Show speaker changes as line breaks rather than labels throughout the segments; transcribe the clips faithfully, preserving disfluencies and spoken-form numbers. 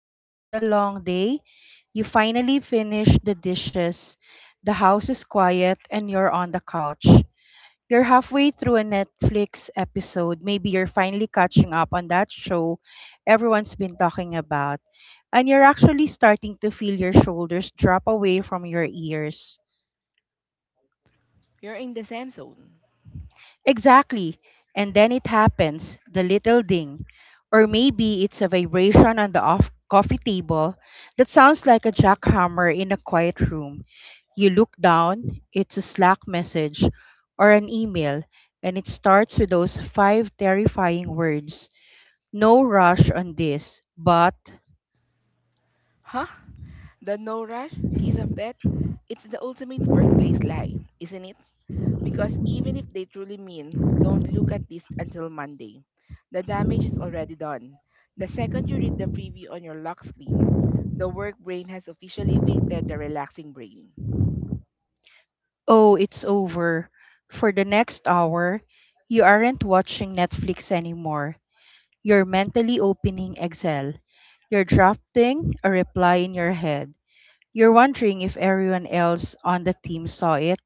You've had a long day. You finally finish the dishes. The house is quiet and you're on the couch. You're halfway through a Netflix episode. Maybe you're finally catching up on that show everyone's been talking about. And you're actually starting to feel your shoulders drop away from your ears.
You're in the Zen zone.
Exactly. And then it happens, the little ding. Or maybe it's a vibration on the off coffee table that sounds like a jackhammer in a quiet room. You look down, it's a Slack message or an email, and it starts with those five terrifying words. No rush on this, but
Huh? The no rush, kiss of death? It's the ultimate workplace lie, isn't it? Because even if they truly mean, don't look at this until Monday, the damage is already done. The second you read the preview on your lock screen, the work brain has officially evicted the relaxing brain.
oh, it's over. For the next hour, you aren't watching Netflix anymore. You're mentally opening Excel. You're drafting a reply in your head. You're wondering if everyone else on the team saw it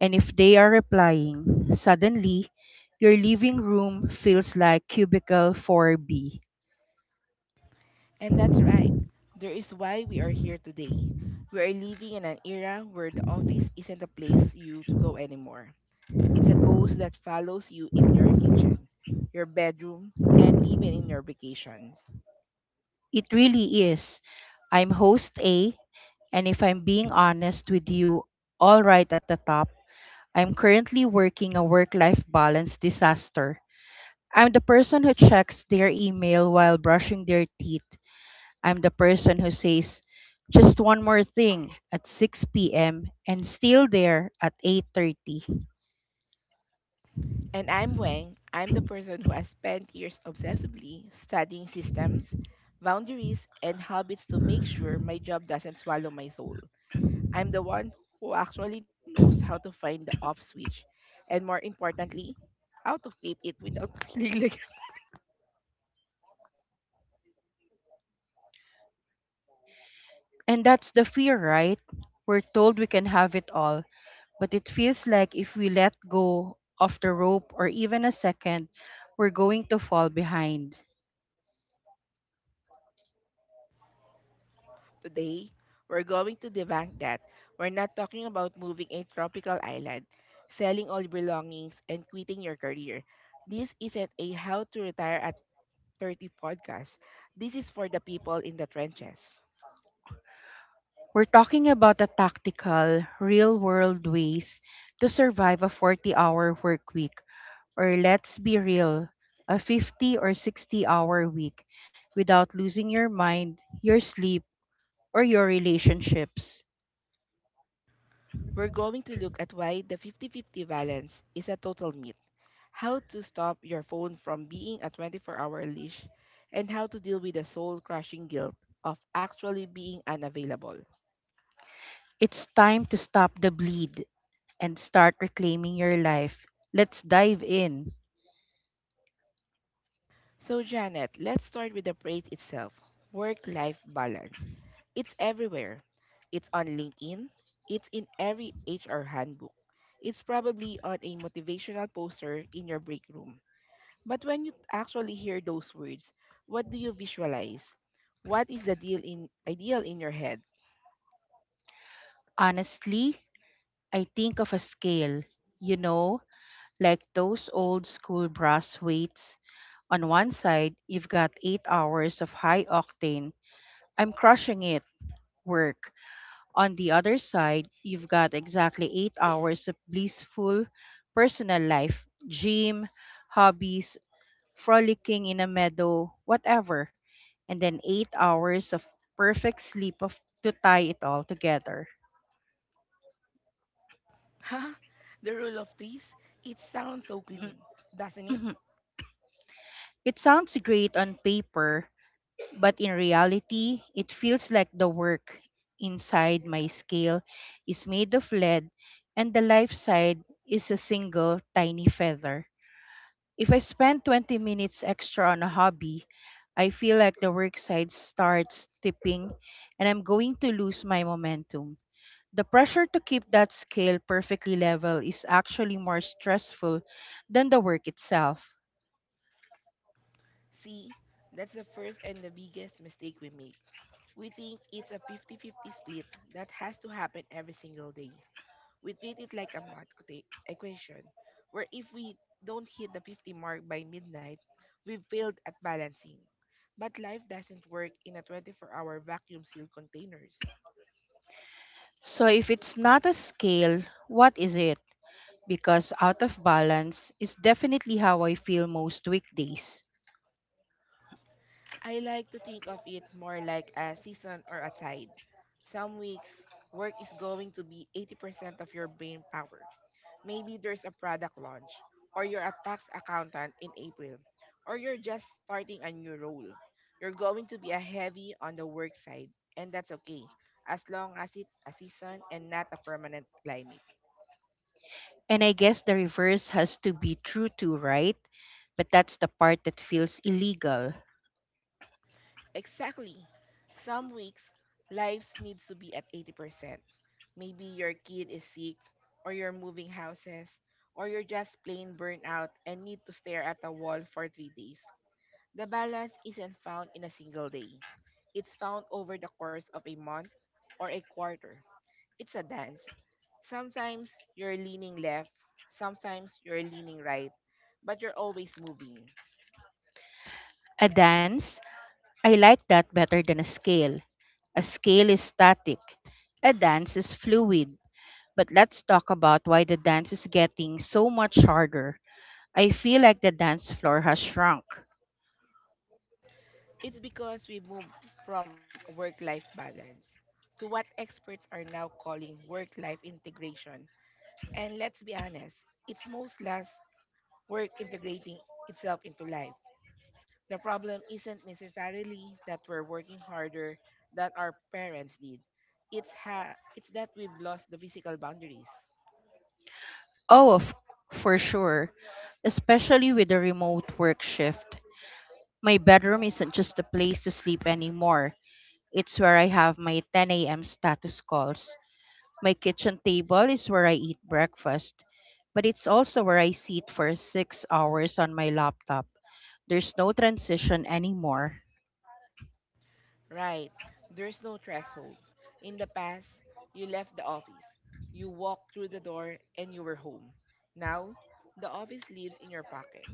and if they are replying. Suddenly, your living room feels like cubicle four B.
And that's right. There is why we are here today. We are living in an era where the office isn't a place you to go anymore. It's a ghost that follows you in your kitchen, your bedroom, and even in your vacations.
It really is. I'm host A, and if I'm being honest with you, all right at the top, I'm currently working a work life balance disaster. I'm the person who checks their email while brushing their teeth. I'm the person who says just one more thing at six p m and still there at eight thirty.
And I'm Wang. I'm the person who has spent years obsessively studying systems, boundaries, and habits to make sure my job doesn't swallow my soul. I'm the one who actually knows how to find the off switch, and more importantly, how to flip it without feeling like.
And that's the fear, right? We're told we can have it all, but it feels like if we let go of the rope or even a second, we're going to fall behind.
Today, we're going to debunk that. We're not talking about moving a tropical island, selling all belongings, and quitting your career. This isn't a how to retire at thirty podcast. This is for the people in the trenches.
We're talking about the tactical, real world ways to survive a forty hour work week. Or let's be real, a fifty or sixty hour week without losing your mind, your sleep, or your relationships.
We're going to look at why the fifty fifty balance is a total myth, how to stop your phone from being a twenty-four-hour leash, and how to deal with the soul-crushing guilt of actually being unavailable.
It's time to stop the bleed and start reclaiming your life. Let's dive in.
So, Janet, let's start with the phrase itself, work life balance. It's everywhere. It's on LinkedIn, it's in every H R handbook, it's probably on a motivational poster in your break room. But when you actually hear those words, what do you visualize? What is the deal in, ideal in your head?
Honestly, I think of a scale, you know, like those old school brass weights. On one side, you've got eight hours of high octane, I'm crushing it, work. On the other side, you've got exactly eight hours of blissful personal life, gym, hobbies, frolicking in a meadow, whatever, and then eight hours of perfect sleep of, to tie it all together.
Huh? The rule of threes? It sounds so clean, doesn't it?
It sounds great on paper, but in reality, it feels like the work inside my scale is made of lead and the life side is a single tiny feather. If I spend twenty minutes extra on a hobby, I feel like the work side starts tipping and I'm going to lose my momentum. The pressure to keep that scale perfectly level is actually more stressful than the work itself.
See, that's the first and the biggest mistake we make. We think it's a fifty fifty split that has to happen every single day. We treat it like a math equa- equation, where if we don't hit the fifty mark by midnight, we've failed at balancing. But life doesn't work in a twenty-four-hour vacuum sealed containers.
So, if it's not a scale, what is it? Because out of balance is definitely how I feel most weekdays.
I like to think of it more like a season or a tide. Some weeks, work is going to be eighty percent of your brain power. Maybe there's a product launch, or you're a tax accountant in April, or you're just starting a new role. You're going to be a heavy on the work side, and that's okay, as long as it's a season and not a permanent climate.
And I guess the reverse has to be true too, right? But that's the part that feels illegal.
Exactly. Some weeks, lives needs to be at eighty percent. Maybe your kid is sick, or you're moving houses, or you're just plain burnt out and need to stare at a wall for three days. The balance isn't found in a single day. It's found over the course of a month or a quarter. It's a dance. Sometimes you're leaning left, sometimes you're leaning right, but you're always moving.
A dance. I like that better than a scale. A scale is static, a dance is fluid. But let's talk about why the dance is getting so much harder. I feel like the dance floor has shrunk.
It's because we moved from work life balance to what experts are now calling work life integration. And let's be honest, it's most less work integrating itself into life. The problem isn't necessarily that we're working harder than our parents did. It's ha- it's that we've lost the physical boundaries.
Oh, of, for sure, especially with the remote work shift. My bedroom isn't just a place to sleep anymore. It's where I have my ten a m status calls. My kitchen table is where I eat breakfast, but it's also where I sit for six hours on my laptop. There's no transition anymore.
Right. There's no threshold. In the past, you left the office. You walked through the door and you were home. Now, the office lives in your pocket.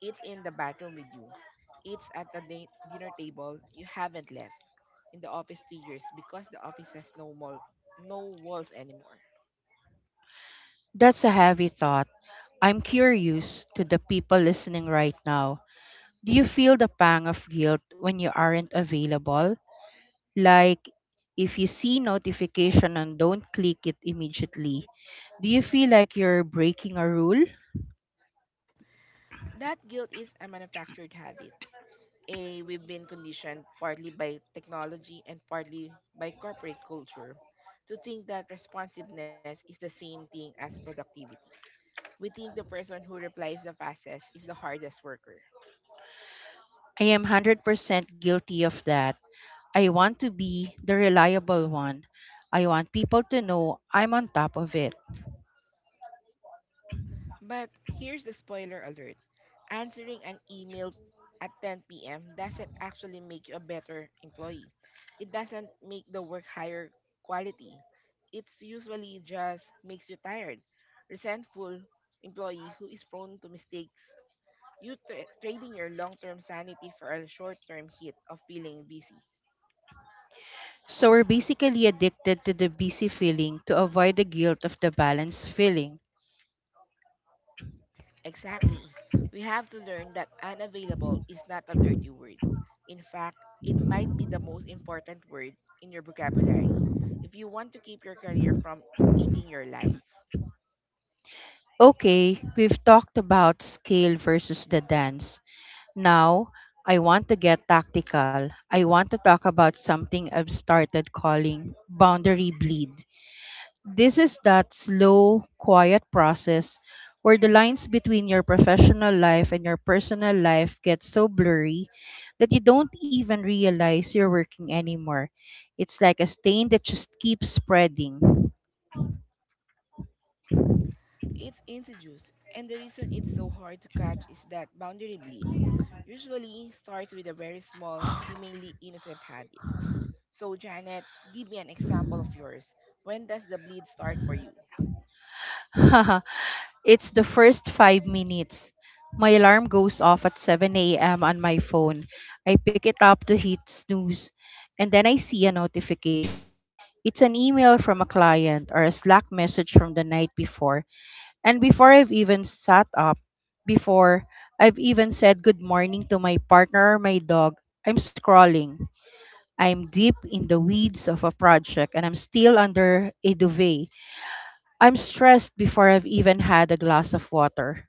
It's in the bathroom with you. It's at the din- dinner table you haven't left in the office three years because the office has no mall, no walls anymore.
That's a heavy thought. I'm curious to the people listening right now. Do you feel the pang of guilt when you aren't available? Like if you see notification and don't click it immediately, do you feel like you're breaking a rule?
That guilt is a manufactured habit. A, we've been conditioned partly by technology and partly by corporate culture to think that responsiveness is the same thing as productivity. We think the person who replies the fastest is the hardest worker.
I am one hundred percent guilty of that. I want to be the reliable one. I want people to know I'm on top of it.
But here's the spoiler alert, answering an email at ten p m doesn't actually make you a better employee, it doesn't make the work higher quality. It's usually just makes you tired, resentful employee who is prone to mistakes. You tra- trading your long-term sanity for a short-term hit of feeling busy.
So we're basically addicted to the busy feeling to avoid the guilt of the balance feeling.
Exactly. We have to learn that unavailable is not a dirty word. In fact, it might be the most important word in your vocabulary if you want to keep your career from eating your life.
Okay, we've talked about scale versus the dance. Now, I want to get tactical. I want to talk about something I've started calling boundary bleed. This is that slow, quiet process where the lines between your professional life and your personal life get so blurry that you don't even realize you're working anymore. It's like a stain that just keeps spreading.
It's insidious, and the reason it's so hard to catch is that boundary bleed usually starts with a very small, seemingly innocent habit. So, Janet, give me an example of yours. When does the bleed start for you?
Haha, it's the first five minutes. My alarm goes off at seven a m on my phone. I pick it up to hit snooze, and then I see a notification. It's an email from a client or a Slack message from the night before. And before I've even sat up, before I've even said good morning to my partner or my dog, I'm scrolling. I'm deep in the weeds of a project and I'm still under a duvet. I'm stressed before I've even had a glass of water.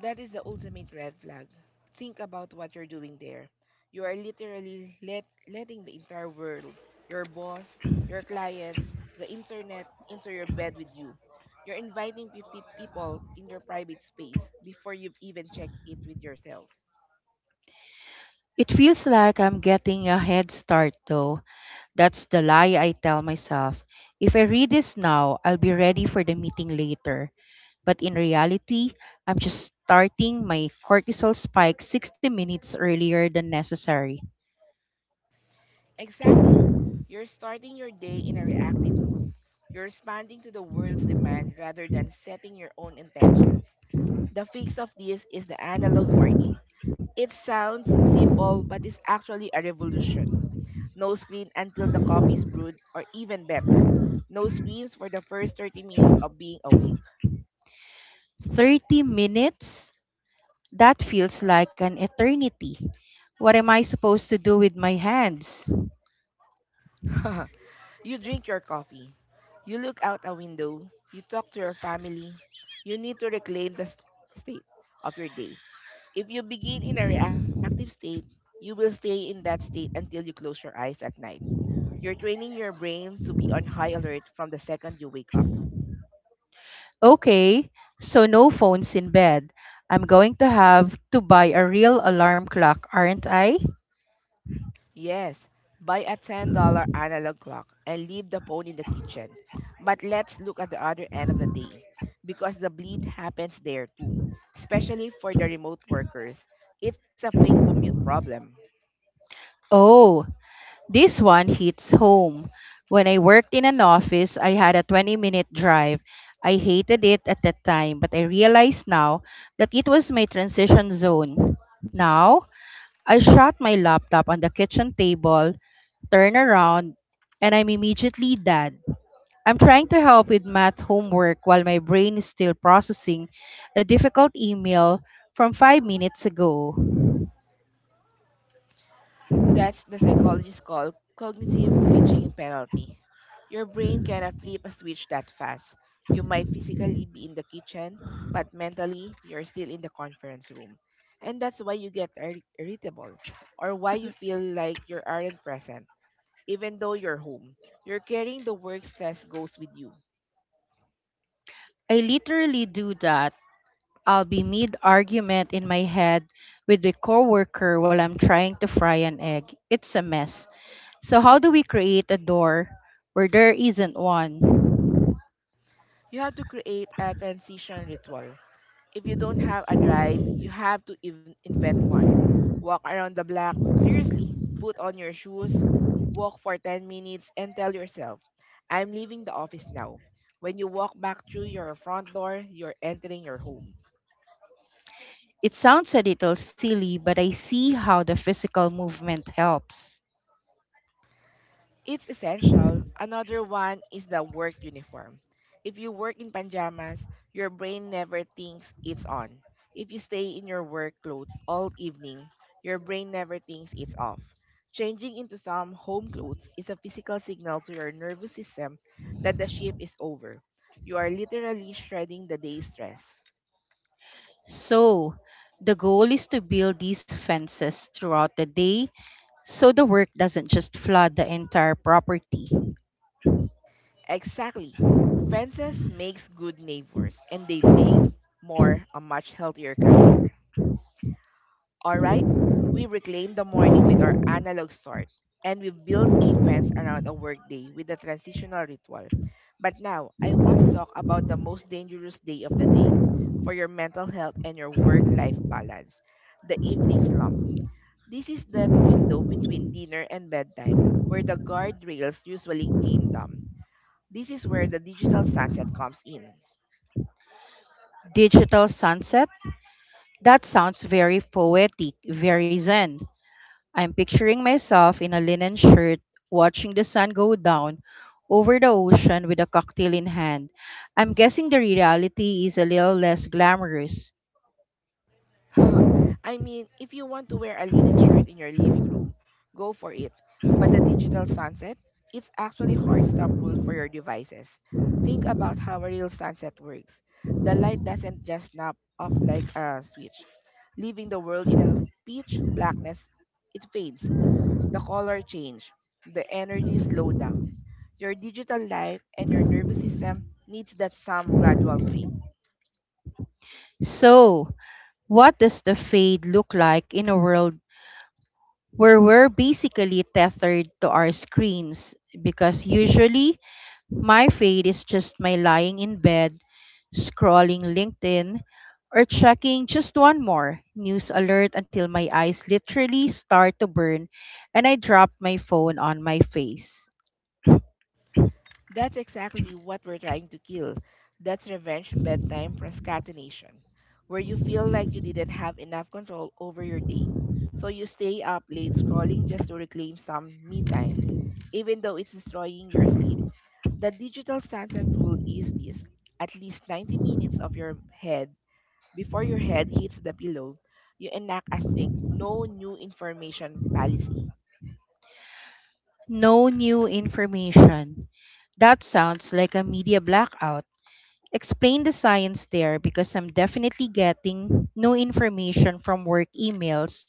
That is the ultimate red flag. Think about what you're doing there. You are literally let, letting the entire world, your boss, your clients, the internet, into your bed with you. You're inviting fifty people in your private space before you've even checked it with yourself.
It feels like I'm getting a head start, though. That's the lie I tell myself. If I read this now, I'll be ready for the meeting later. But in reality, I'm just starting my cortisol spike sixty minutes earlier than necessary.
Exactly. You're starting your day in a reactive mode. You're responding to the world's demand rather than setting your own intentions. The fix of this is the analog morning. It sounds simple, but it's actually a revolution. No screen until the coffee is brewed, or even better, no screens for the first thirty minutes of being awake.
thirty minutes? That feels like an eternity. What am I supposed to do with my hands?
You drink your coffee, you look out a window, you talk to your family. You need to reclaim the st- state of your day. If you begin in a reactive state, you will stay in that state until you close your eyes at night. You're training your brain to be on high alert from the second you wake up.
Okay, so no phones in bed. I'm going to have to buy a real alarm clock, aren't I?
Yes, buy a ten dollars analog clock and leave the phone in the kitchen. But let's look at the other end of the day because the bleed happens there too, especially for the remote workers. It's a fake commute problem.
Oh, this one hits home. When I worked in an office, I had a twenty minute drive. I hated it at that time, but I realize now that it was my transition zone. Now, I shut my laptop on the kitchen table, turn around, and I'm immediately dad. I'm trying to help with math homework while my brain is still processing a difficult email from five minutes ago.
That's the psychologists call cognitive switching penalty. Your brain cannot flip a switch that fast. You might physically be in the kitchen, but mentally, you're still in the conference room. And that's why you get ir- irritable, or why you feel like you aren't present, even though you're home. You're carrying the work stress goes with you.
I literally do that. I'll be mid argument in my head with a coworker while I'm trying to fry an egg. It's a mess. So how do we create a door where there isn't one?
You have to create a transition ritual. If you don't have a drive, you have to in- invent one. Walk around the block, seriously, put on your shoes, walk for ten minutes, and tell yourself, I'm leaving the office now. When you walk back through your front door, you're entering your home.
It sounds a little silly, but I see how the physical movement helps.
It's essential. Another one is the work uniform. If you work in pajamas, your brain never thinks it's on. If you stay in your work clothes all evening, your brain never thinks it's off. Changing into some home clothes is a physical signal to your nervous system that the shift is over. You are literally shredding the day's stress.
So, the goal is to build these fences throughout the day so the work doesn't just flood the entire property.
Exactly. Fences makes good neighbors and they make more a much healthier career. Alright, we reclaimed the morning with our analog sword, and we built a fence around a workday with a transitional ritual. But now, I want to talk about the most dangerous day of the day for your mental health and your work life balance, the evening slump. This is that window between dinner and bedtime where the guardrails usually came down. This is where the digital sunset comes in.
Digital sunset? That sounds very poetic, very zen. I'm picturing myself in a linen shirt, watching the sun go down over the ocean with a cocktail in hand. I'm guessing the reality is a little less glamorous.
I mean, if you want to wear a linen shirt in your living room, go for it. But the digital sunset, it's actually hard stop rule for your devices. Think about how a real sunset works. The light doesn't just snap off like a switch, leaving the world in a pitch blackness. It fades, the color change, the energy slow down. Your digital life and your nervous system needs that some gradual fade.
So, what does the fade look like in a world where we're basically tethered to our screens? Because usually, my fate is just my lying in bed, scrolling LinkedIn, or checking just one more news alert until my eyes literally start to burn and I drop my phone on my face.
That's exactly what we're trying to kill. That's revenge bedtime procrastination, where you feel like you didn't have enough control over your day. So you stay up late scrolling just to reclaim some me time, even though it's destroying your sleep. The digital sunset rule is this: at least ninety minutes of your head before your head hits the pillow, you enact a strict no new information policy
No new information. That sounds like a media blackout. Explain the science there because I'm definitely getting no information from work emails,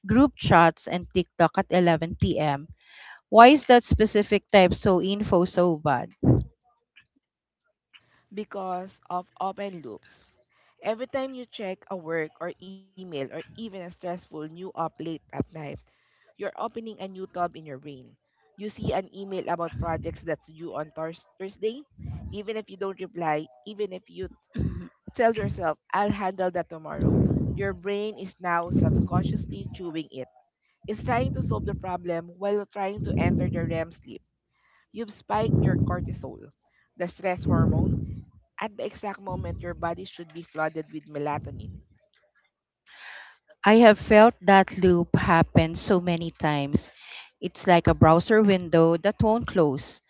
group chats, and TikTok at eleven p m. Why is that specific type so info so bad?
because of open loops. Every time you check a work or email or even a stressful new up late at night, you're opening a new tab in your brain. You see an email about projects that's due on Thurs Thursday. Even if you don't reply, even if you tell yourself, I'll handle that tomorrow, your brain is now subconsciously chewing it. Is trying to solve the problem while trying to enter the R E M sleep. You've spiked your cortisol, the stress hormone, at the exact moment your body should be flooded with melatonin.
I have felt that loop happen so many times. It's like a browser window that won't close.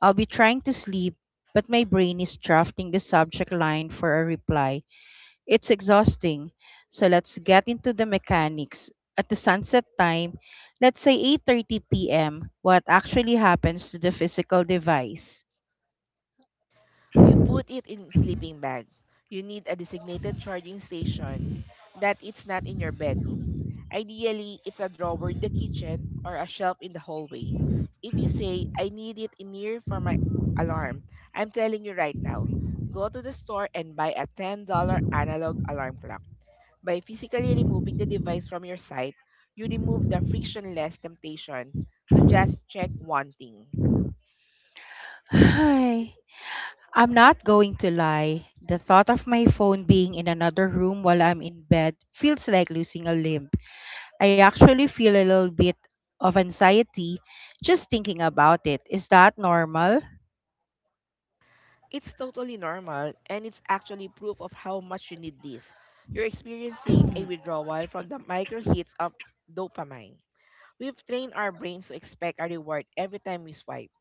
I'll be trying to sleep, but my brain is drafting the subject line for a reply. It's exhausting. So let's get into the mechanics. At the sunset time, let's say eight thirty p m, what actually happens to the physical device?
You put it in sleeping bag. You need a designated charging station that it's not in your bedroom. Ideally, it's a drawer in the kitchen or a shelf in the hallway. If you say, I need it in here for my alarm, I'm telling you right now, go to the store and buy a ten dollars analog alarm clock. By physically removing the device from your sight, you remove the frictionless temptation to just check one thing.
Hi. I'm not going to lie. The thought of my phone being in another room while I'm in bed feels like losing a limb. I actually feel a little bit of anxiety just thinking about it. Is that normal?
It's totally normal, and it's actually proof of how much you need this. You're experiencing a withdrawal from the micro hits of dopamine. We've trained our brains to expect a reward every time we swipe.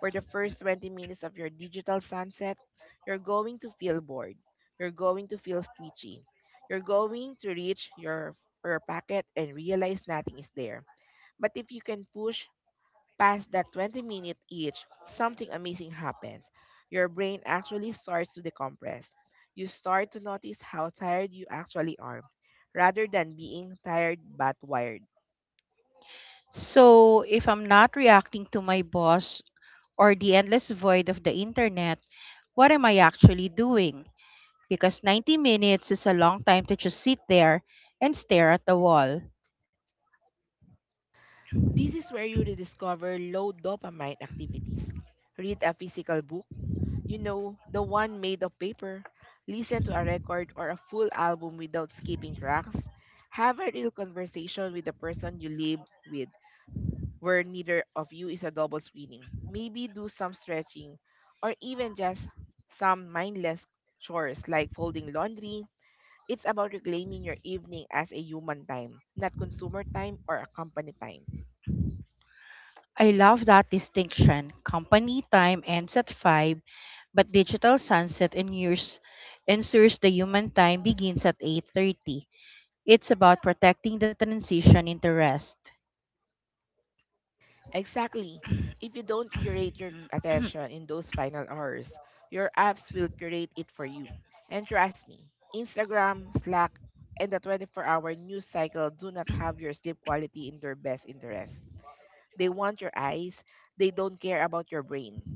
For the first twenty minutes of your digital sunset, you're going to feel bored. You're going to feel twitchy. You're going to reach your, your packet and realize nothing is there. But if you can push past that twenty minute itch, something amazing happens. Your brain actually starts to decompress. You start to notice how tired you actually are, rather than being tired but wired.
So, if I'm not reacting to my boss or the endless void of the internet, what am I actually doing? Because ninety minutes is a long time to just sit there and stare at the wall.
This is where you rediscover low dopamine activities. Read a physical book, you know, the one made of paper, listen to a record or a full album without skipping tracks, have a real conversation with the person you live with where neither of you is a double screening. Maybe do some stretching or even just some mindless chores like folding laundry. It's about reclaiming your evening as a human time, not consumer time or a company time.
I love that distinction. Company time ends at five, but digital sunset ensures, ensures the human time begins at eight thirty. It's about protecting the transition into rest.
Exactly. If you don't curate your attention in those final hours, your apps will curate it for you. And trust me, Instagram, Slack, and the twenty-four hour news cycle do not have your sleep quality in their best interest. They want your eyes, they don't care about your brain.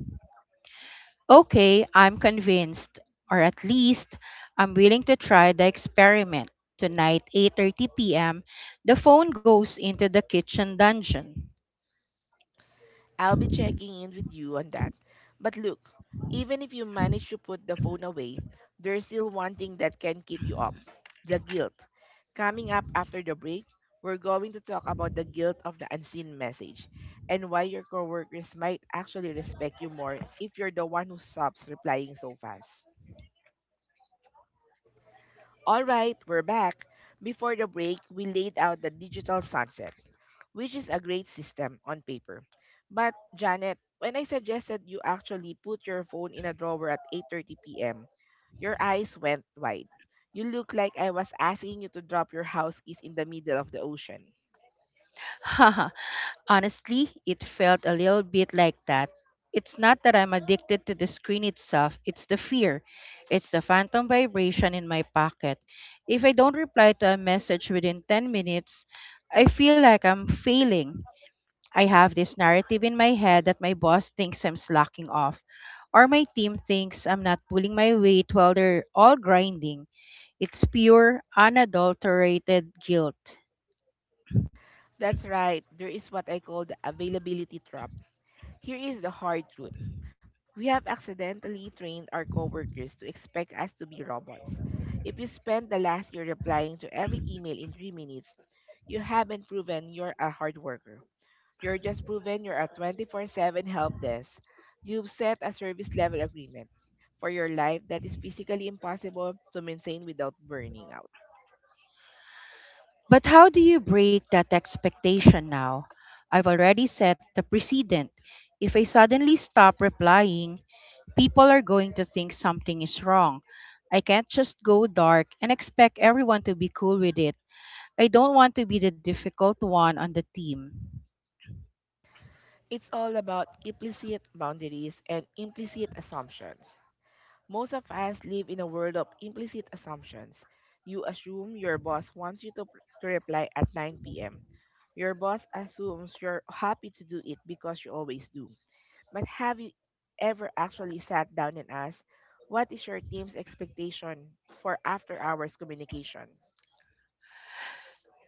Okay, I'm convinced, or at least I'm willing to try the experiment. Tonight, eight thirty p m, the phone goes into the kitchen dungeon.
I'll be checking in with you on that. But look, even if you manage to put the phone away, there's still one thing that can keep you up: the guilt. Coming up after the break, we're going to talk about the guilt of the unseen message and why your coworkers might actually respect you more if you're the one who stops replying so fast. All right, we're back. Before the break, we laid out the digital sunset, which is a great system on paper. But Janet, when I suggested you actually put your phone in a drawer at eight thirty p m, your eyes went wide. You looked like I was asking you to drop your house keys in the middle of the ocean.
Haha, honestly, it felt a little bit like that. It's not that I'm addicted to the screen itself, it's the fear. It's the phantom vibration in my pocket. If I don't reply to a message within ten minutes, I feel like I'm failing. I have this narrative in my head that my boss thinks I'm slacking off, or my team thinks I'm not pulling my weight while they're all grinding. It's pure, unadulterated guilt.
That's right. There is what I call the availability trap. Here is the hard truth. We have accidentally trained our coworkers to expect us to be robots. If you spend the last year replying to every email in three minutes, you haven't proven you're a hard worker. You're just proven you're a twenty-four seven help desk. You've set a service level agreement for your life that is physically impossible to maintain without burning out.
But how do you break that expectation now? I've already set the precedent. If I suddenly stop replying, people are going to think something is wrong. I can't just go dark and expect everyone to be cool with it. I don't want to be the difficult one on the team.
It's all about implicit boundaries and implicit assumptions. Most of us live in a world of implicit assumptions. You assume your boss wants you to, pr- to reply at nine p m. Your boss assumes you're happy to do it because you always do. But have you ever actually sat down and asked, what is your team's expectation for after hours communication?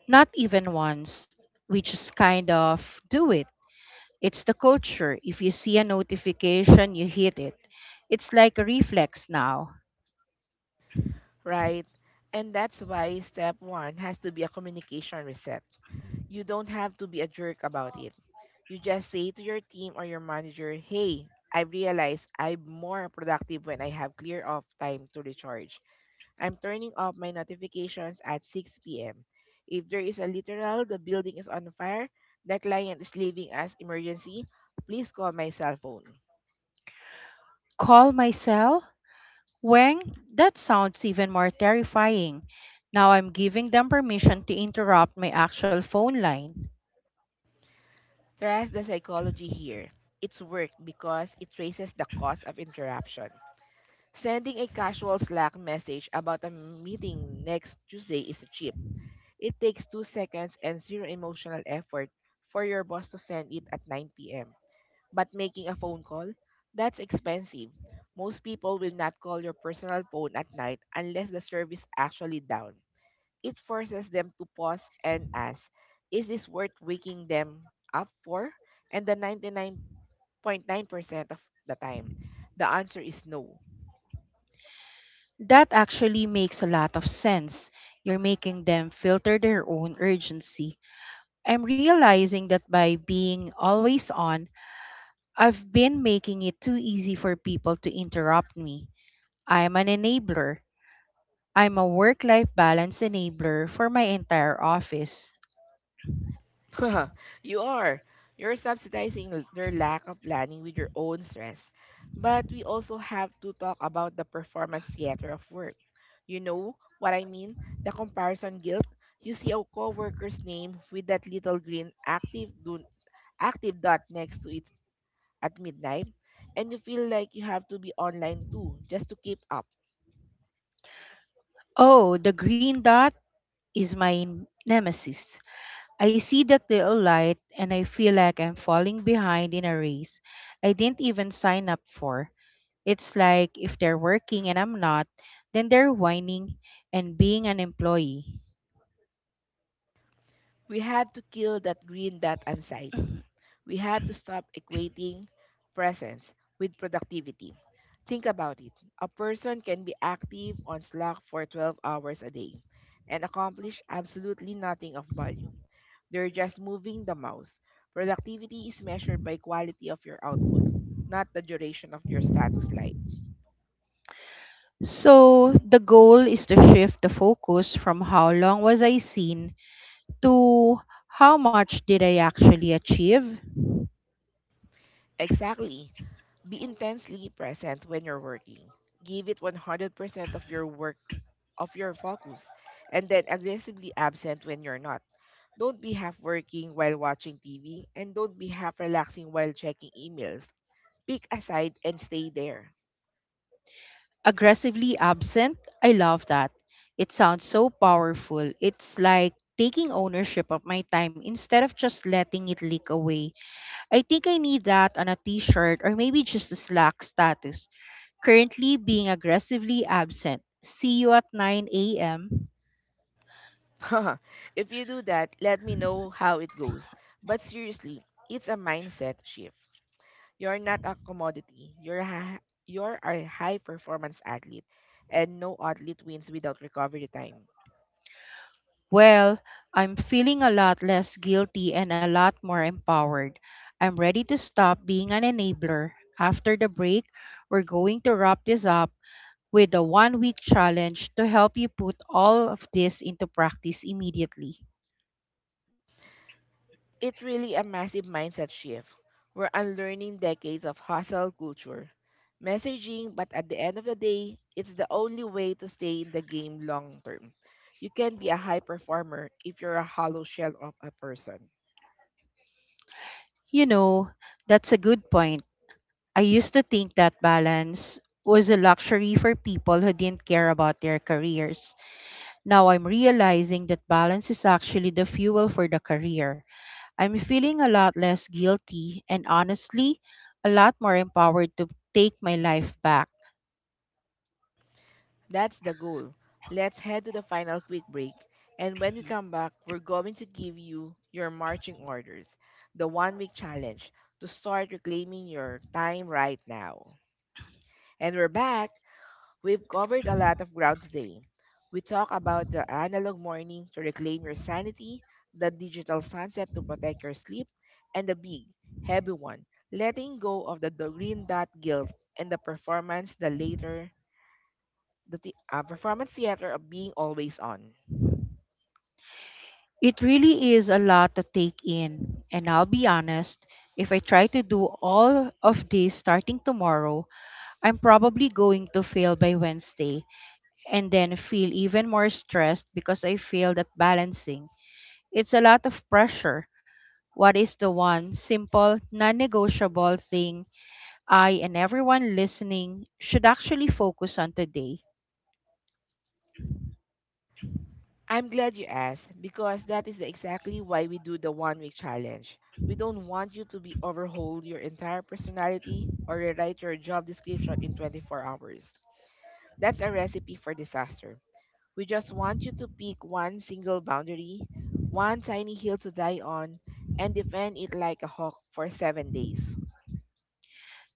Not even once. We just kind of do it. It's the culture. If you see a notification, you hit it. It's like a reflex now.
Right? And that's why step one has to be a communication reset. You don't have to be a jerk about it. You just say to your team or your manager, hey, I realized I'm more productive when I have clear off time to recharge. I'm turning off my notifications at six p m. If there is a literal, the building is on fire, the client is leaving as emergency, please call my cell phone.
Call my cell? Wang, that sounds even more terrifying. Now I'm giving them permission to interrupt my actual phone line.
Trust the psychology here. It's work because it traces the cause of interruption. Sending a casual Slack message about a meeting next Tuesday is cheap. It takes two seconds and zero emotional effort for your boss to send it at nine p m. But making a phone call? That's expensive. Most people will not call your personal phone at night unless the service actually down. It forces them to pause and ask, is this worth waking them up for? And the ninety-nine point nine percent of the time, the answer is no.
That actually makes a lot of sense. You're making them filter their own urgency. I'm realizing that by being always on, I've been making it too easy for people to interrupt me. I'm an enabler. I'm a work life balance enabler for my entire office.
You are. You're subsidizing l- their lack of planning with your own stress. But we also have to talk about the performance theater of work. You know what I mean? The comparison guilt. You see a coworker's name with that little green active do- active dot next to it at midnight, and you feel like you have to be online too just to keep up.
Oh, the green dot is my nemesis. I see that little light and I feel like I'm falling behind in a race I didn't even sign up for. It's like if they're working and I'm not, then they're whining and being an employee.
We have to kill that green dot anxiety. We have to stop equating presence with productivity. Think about it. A person can be active on Slack for twelve hours a day and accomplish absolutely nothing of value. They're just moving the mouse. Productivity is measured by quality of your output, not the duration of your status light.
So the goal is to shift the focus from how long was I seen to how much did I actually achieve?
Exactly. Be intensely present when you're working. Give it one hundred percent of your of your focus, and then aggressively absent when you're not. Don't be half working while watching T V, and don't be half relaxing while checking emails. Pick a side and stay there.
Aggressively absent, I love that. It sounds so powerful. It's like taking ownership of my time instead of just letting it leak away. I think I need that on a t shirt or maybe just a Slack status. Currently being aggressively absent. See you at nine a m.
If you do that, let me know how it goes. But seriously, it's a mindset shift. You're not a commodity. You're a, you're a high performance athlete, and no athlete wins without recovery time.
Well, I'm feeling a lot less guilty and a lot more empowered. I'm ready to stop being an enabler. After the break, we're going to wrap this up with a one week challenge to help you put all of this into practice immediately.
It really a massive mindset shift. We're unlearning decades of hustle culture, messaging, but at the end of the day, it's the only way to stay in the game long term. You can be a high performer if you're a hollow shell of a person.
You know, that's a good point. I used to think that balance was a luxury for people who didn't care about their careers. Now I'm realizing that balance is actually the fuel for the career. I'm feeling a lot less guilty and, honestly, a lot more empowered to take my life back.
That's the goal. Let's head to the final quick break. And when we come back, we're going to give you your marching orders, the one week challenge to start reclaiming your time right now. And we're back. We've covered a lot of ground today. We talked about the analog morning to reclaim your sanity, the digital sunset to protect your sleep, and the big, heavy one, letting go of the, the green dot guilt and the performance, the later, the the uh, performance theater of being always on.
It really is a lot to take in, and I'll be honest, if I try to do all of this starting tomorrow, I'm probably going to fail by Wednesday and then feel even more stressed because I failed at balancing. It's a lot of pressure. What is the one simple, non negotiable thing I and everyone listening should actually focus on today?
I'm glad you asked, because that is exactly why we do the one week challenge. We don't want you to be overhaul your entire personality or rewrite your job description in twenty-four hours. That's a recipe for disaster. We just want you to pick one single boundary, one tiny hill to die on, and defend it like a hawk for seven days.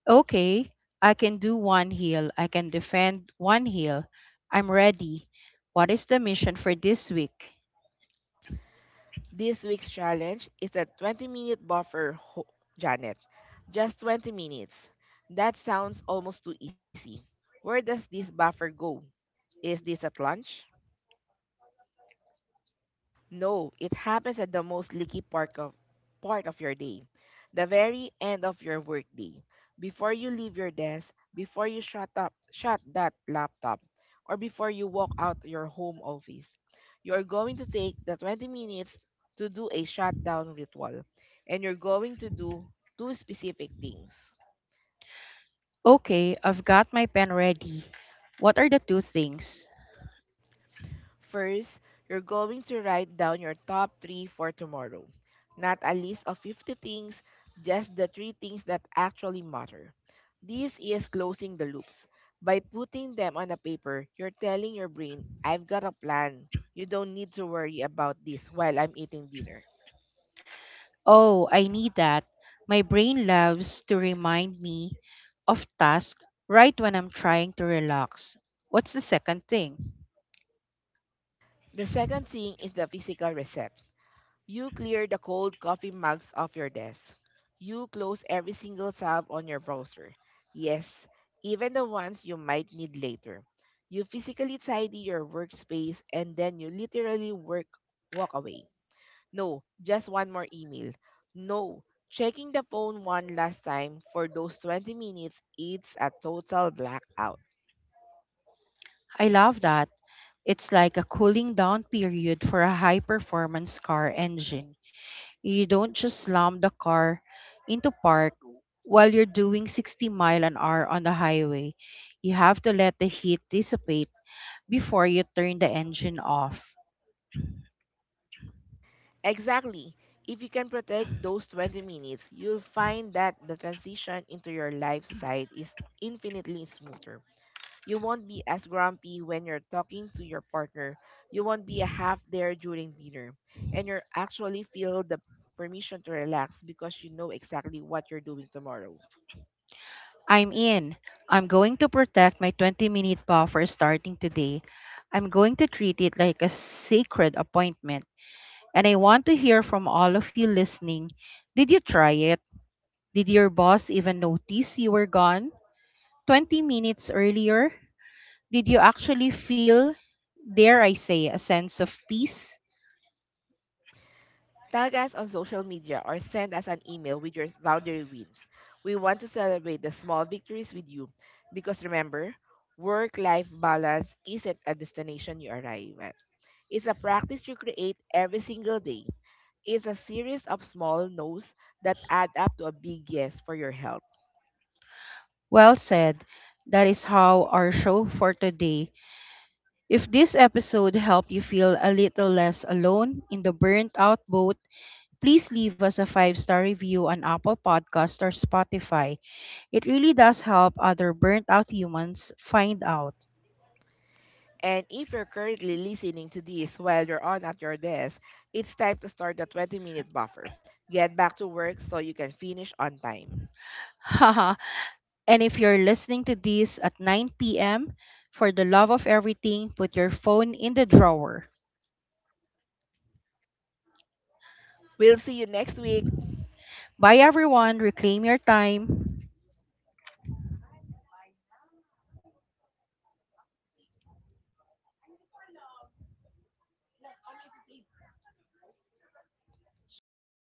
Okay, I can do one heel. I can defend one heel. I'm ready. What is the mission for this week?
This week's challenge is a twenty minute buffer, ho- Janet. Just twenty minutes. That sounds almost too easy. Where does this buffer go? Is this at lunch? No, it happens at the most leaky part of part of your day, the very end of your workday, before you leave your desk, before you shut up, shut that laptop, or before you walk out your home office. You are going to take the twenty minutes to do a shutdown ritual, and you're going to do two specific things.
Okay, I've got my pen ready. What are the two things?
First, you're going to write down your top three for tomorrow. Not a list of fifty things, just the three things that actually matter. This is closing the loops. By putting them on a paper, you're telling your brain, I've got a plan. You don't need to worry about this while I'm eating dinner.
Oh, I need that. My brain loves to remind me of tasks right when I'm trying to relax. What's the second thing?
The second thing is the physical reset. You clear the cold coffee mugs off your desk. You close every single tab on your browser. Yes, even the ones you might need later. You physically tidy your workspace and then you literally work walk away. No, just one more email. No, checking the phone one last time. For those twenty minutes, it's a total blackout.
I love that. It's like a cooling down period for a high performance car engine. You don't just slam the car into park while you're doing sixty mile an hour on the highway. You have to let the heat dissipate before you turn the engine off.
Exactly. If you can protect those twenty minutes, you'll find that the transition into your life side is infinitely smoother. You won't be as grumpy when you're talking to your partner. You won't be half there during dinner. And you actually feel the permission to relax because you know exactly what you're doing tomorrow.
I'm in. I'm going to protect my twenty minute buffer starting today. I'm going to treat it like a sacred appointment. And I want to hear from all of you listening. Did you try it? Did your boss even notice you were gone twenty minutes earlier? Did you actually feel, dare I say, a sense of peace?
Tag us on social media or send us an email with your laundry wins. We want to celebrate the small victories with you, because remember, work life balance isn't a destination you arrive at. It's a practice you create every single day. It's a series of small no's that add up to a big yes for your health.
Well said. That is how our show for today. If this episode helped you feel a little less alone in the burnt out boat, please leave us a five star review on Apple Podcast or Spotify. It really does help other burnt out humans find out.
And if you're currently listening to this while you're on at your desk, it's time to start the twenty minute buffer. Get back to work so you can finish on time.
And if you're listening to this at nine p m, for the love of everything, put your phone in the drawer.
We'll see you next week.
Bye, everyone. Reclaim your time. Stop.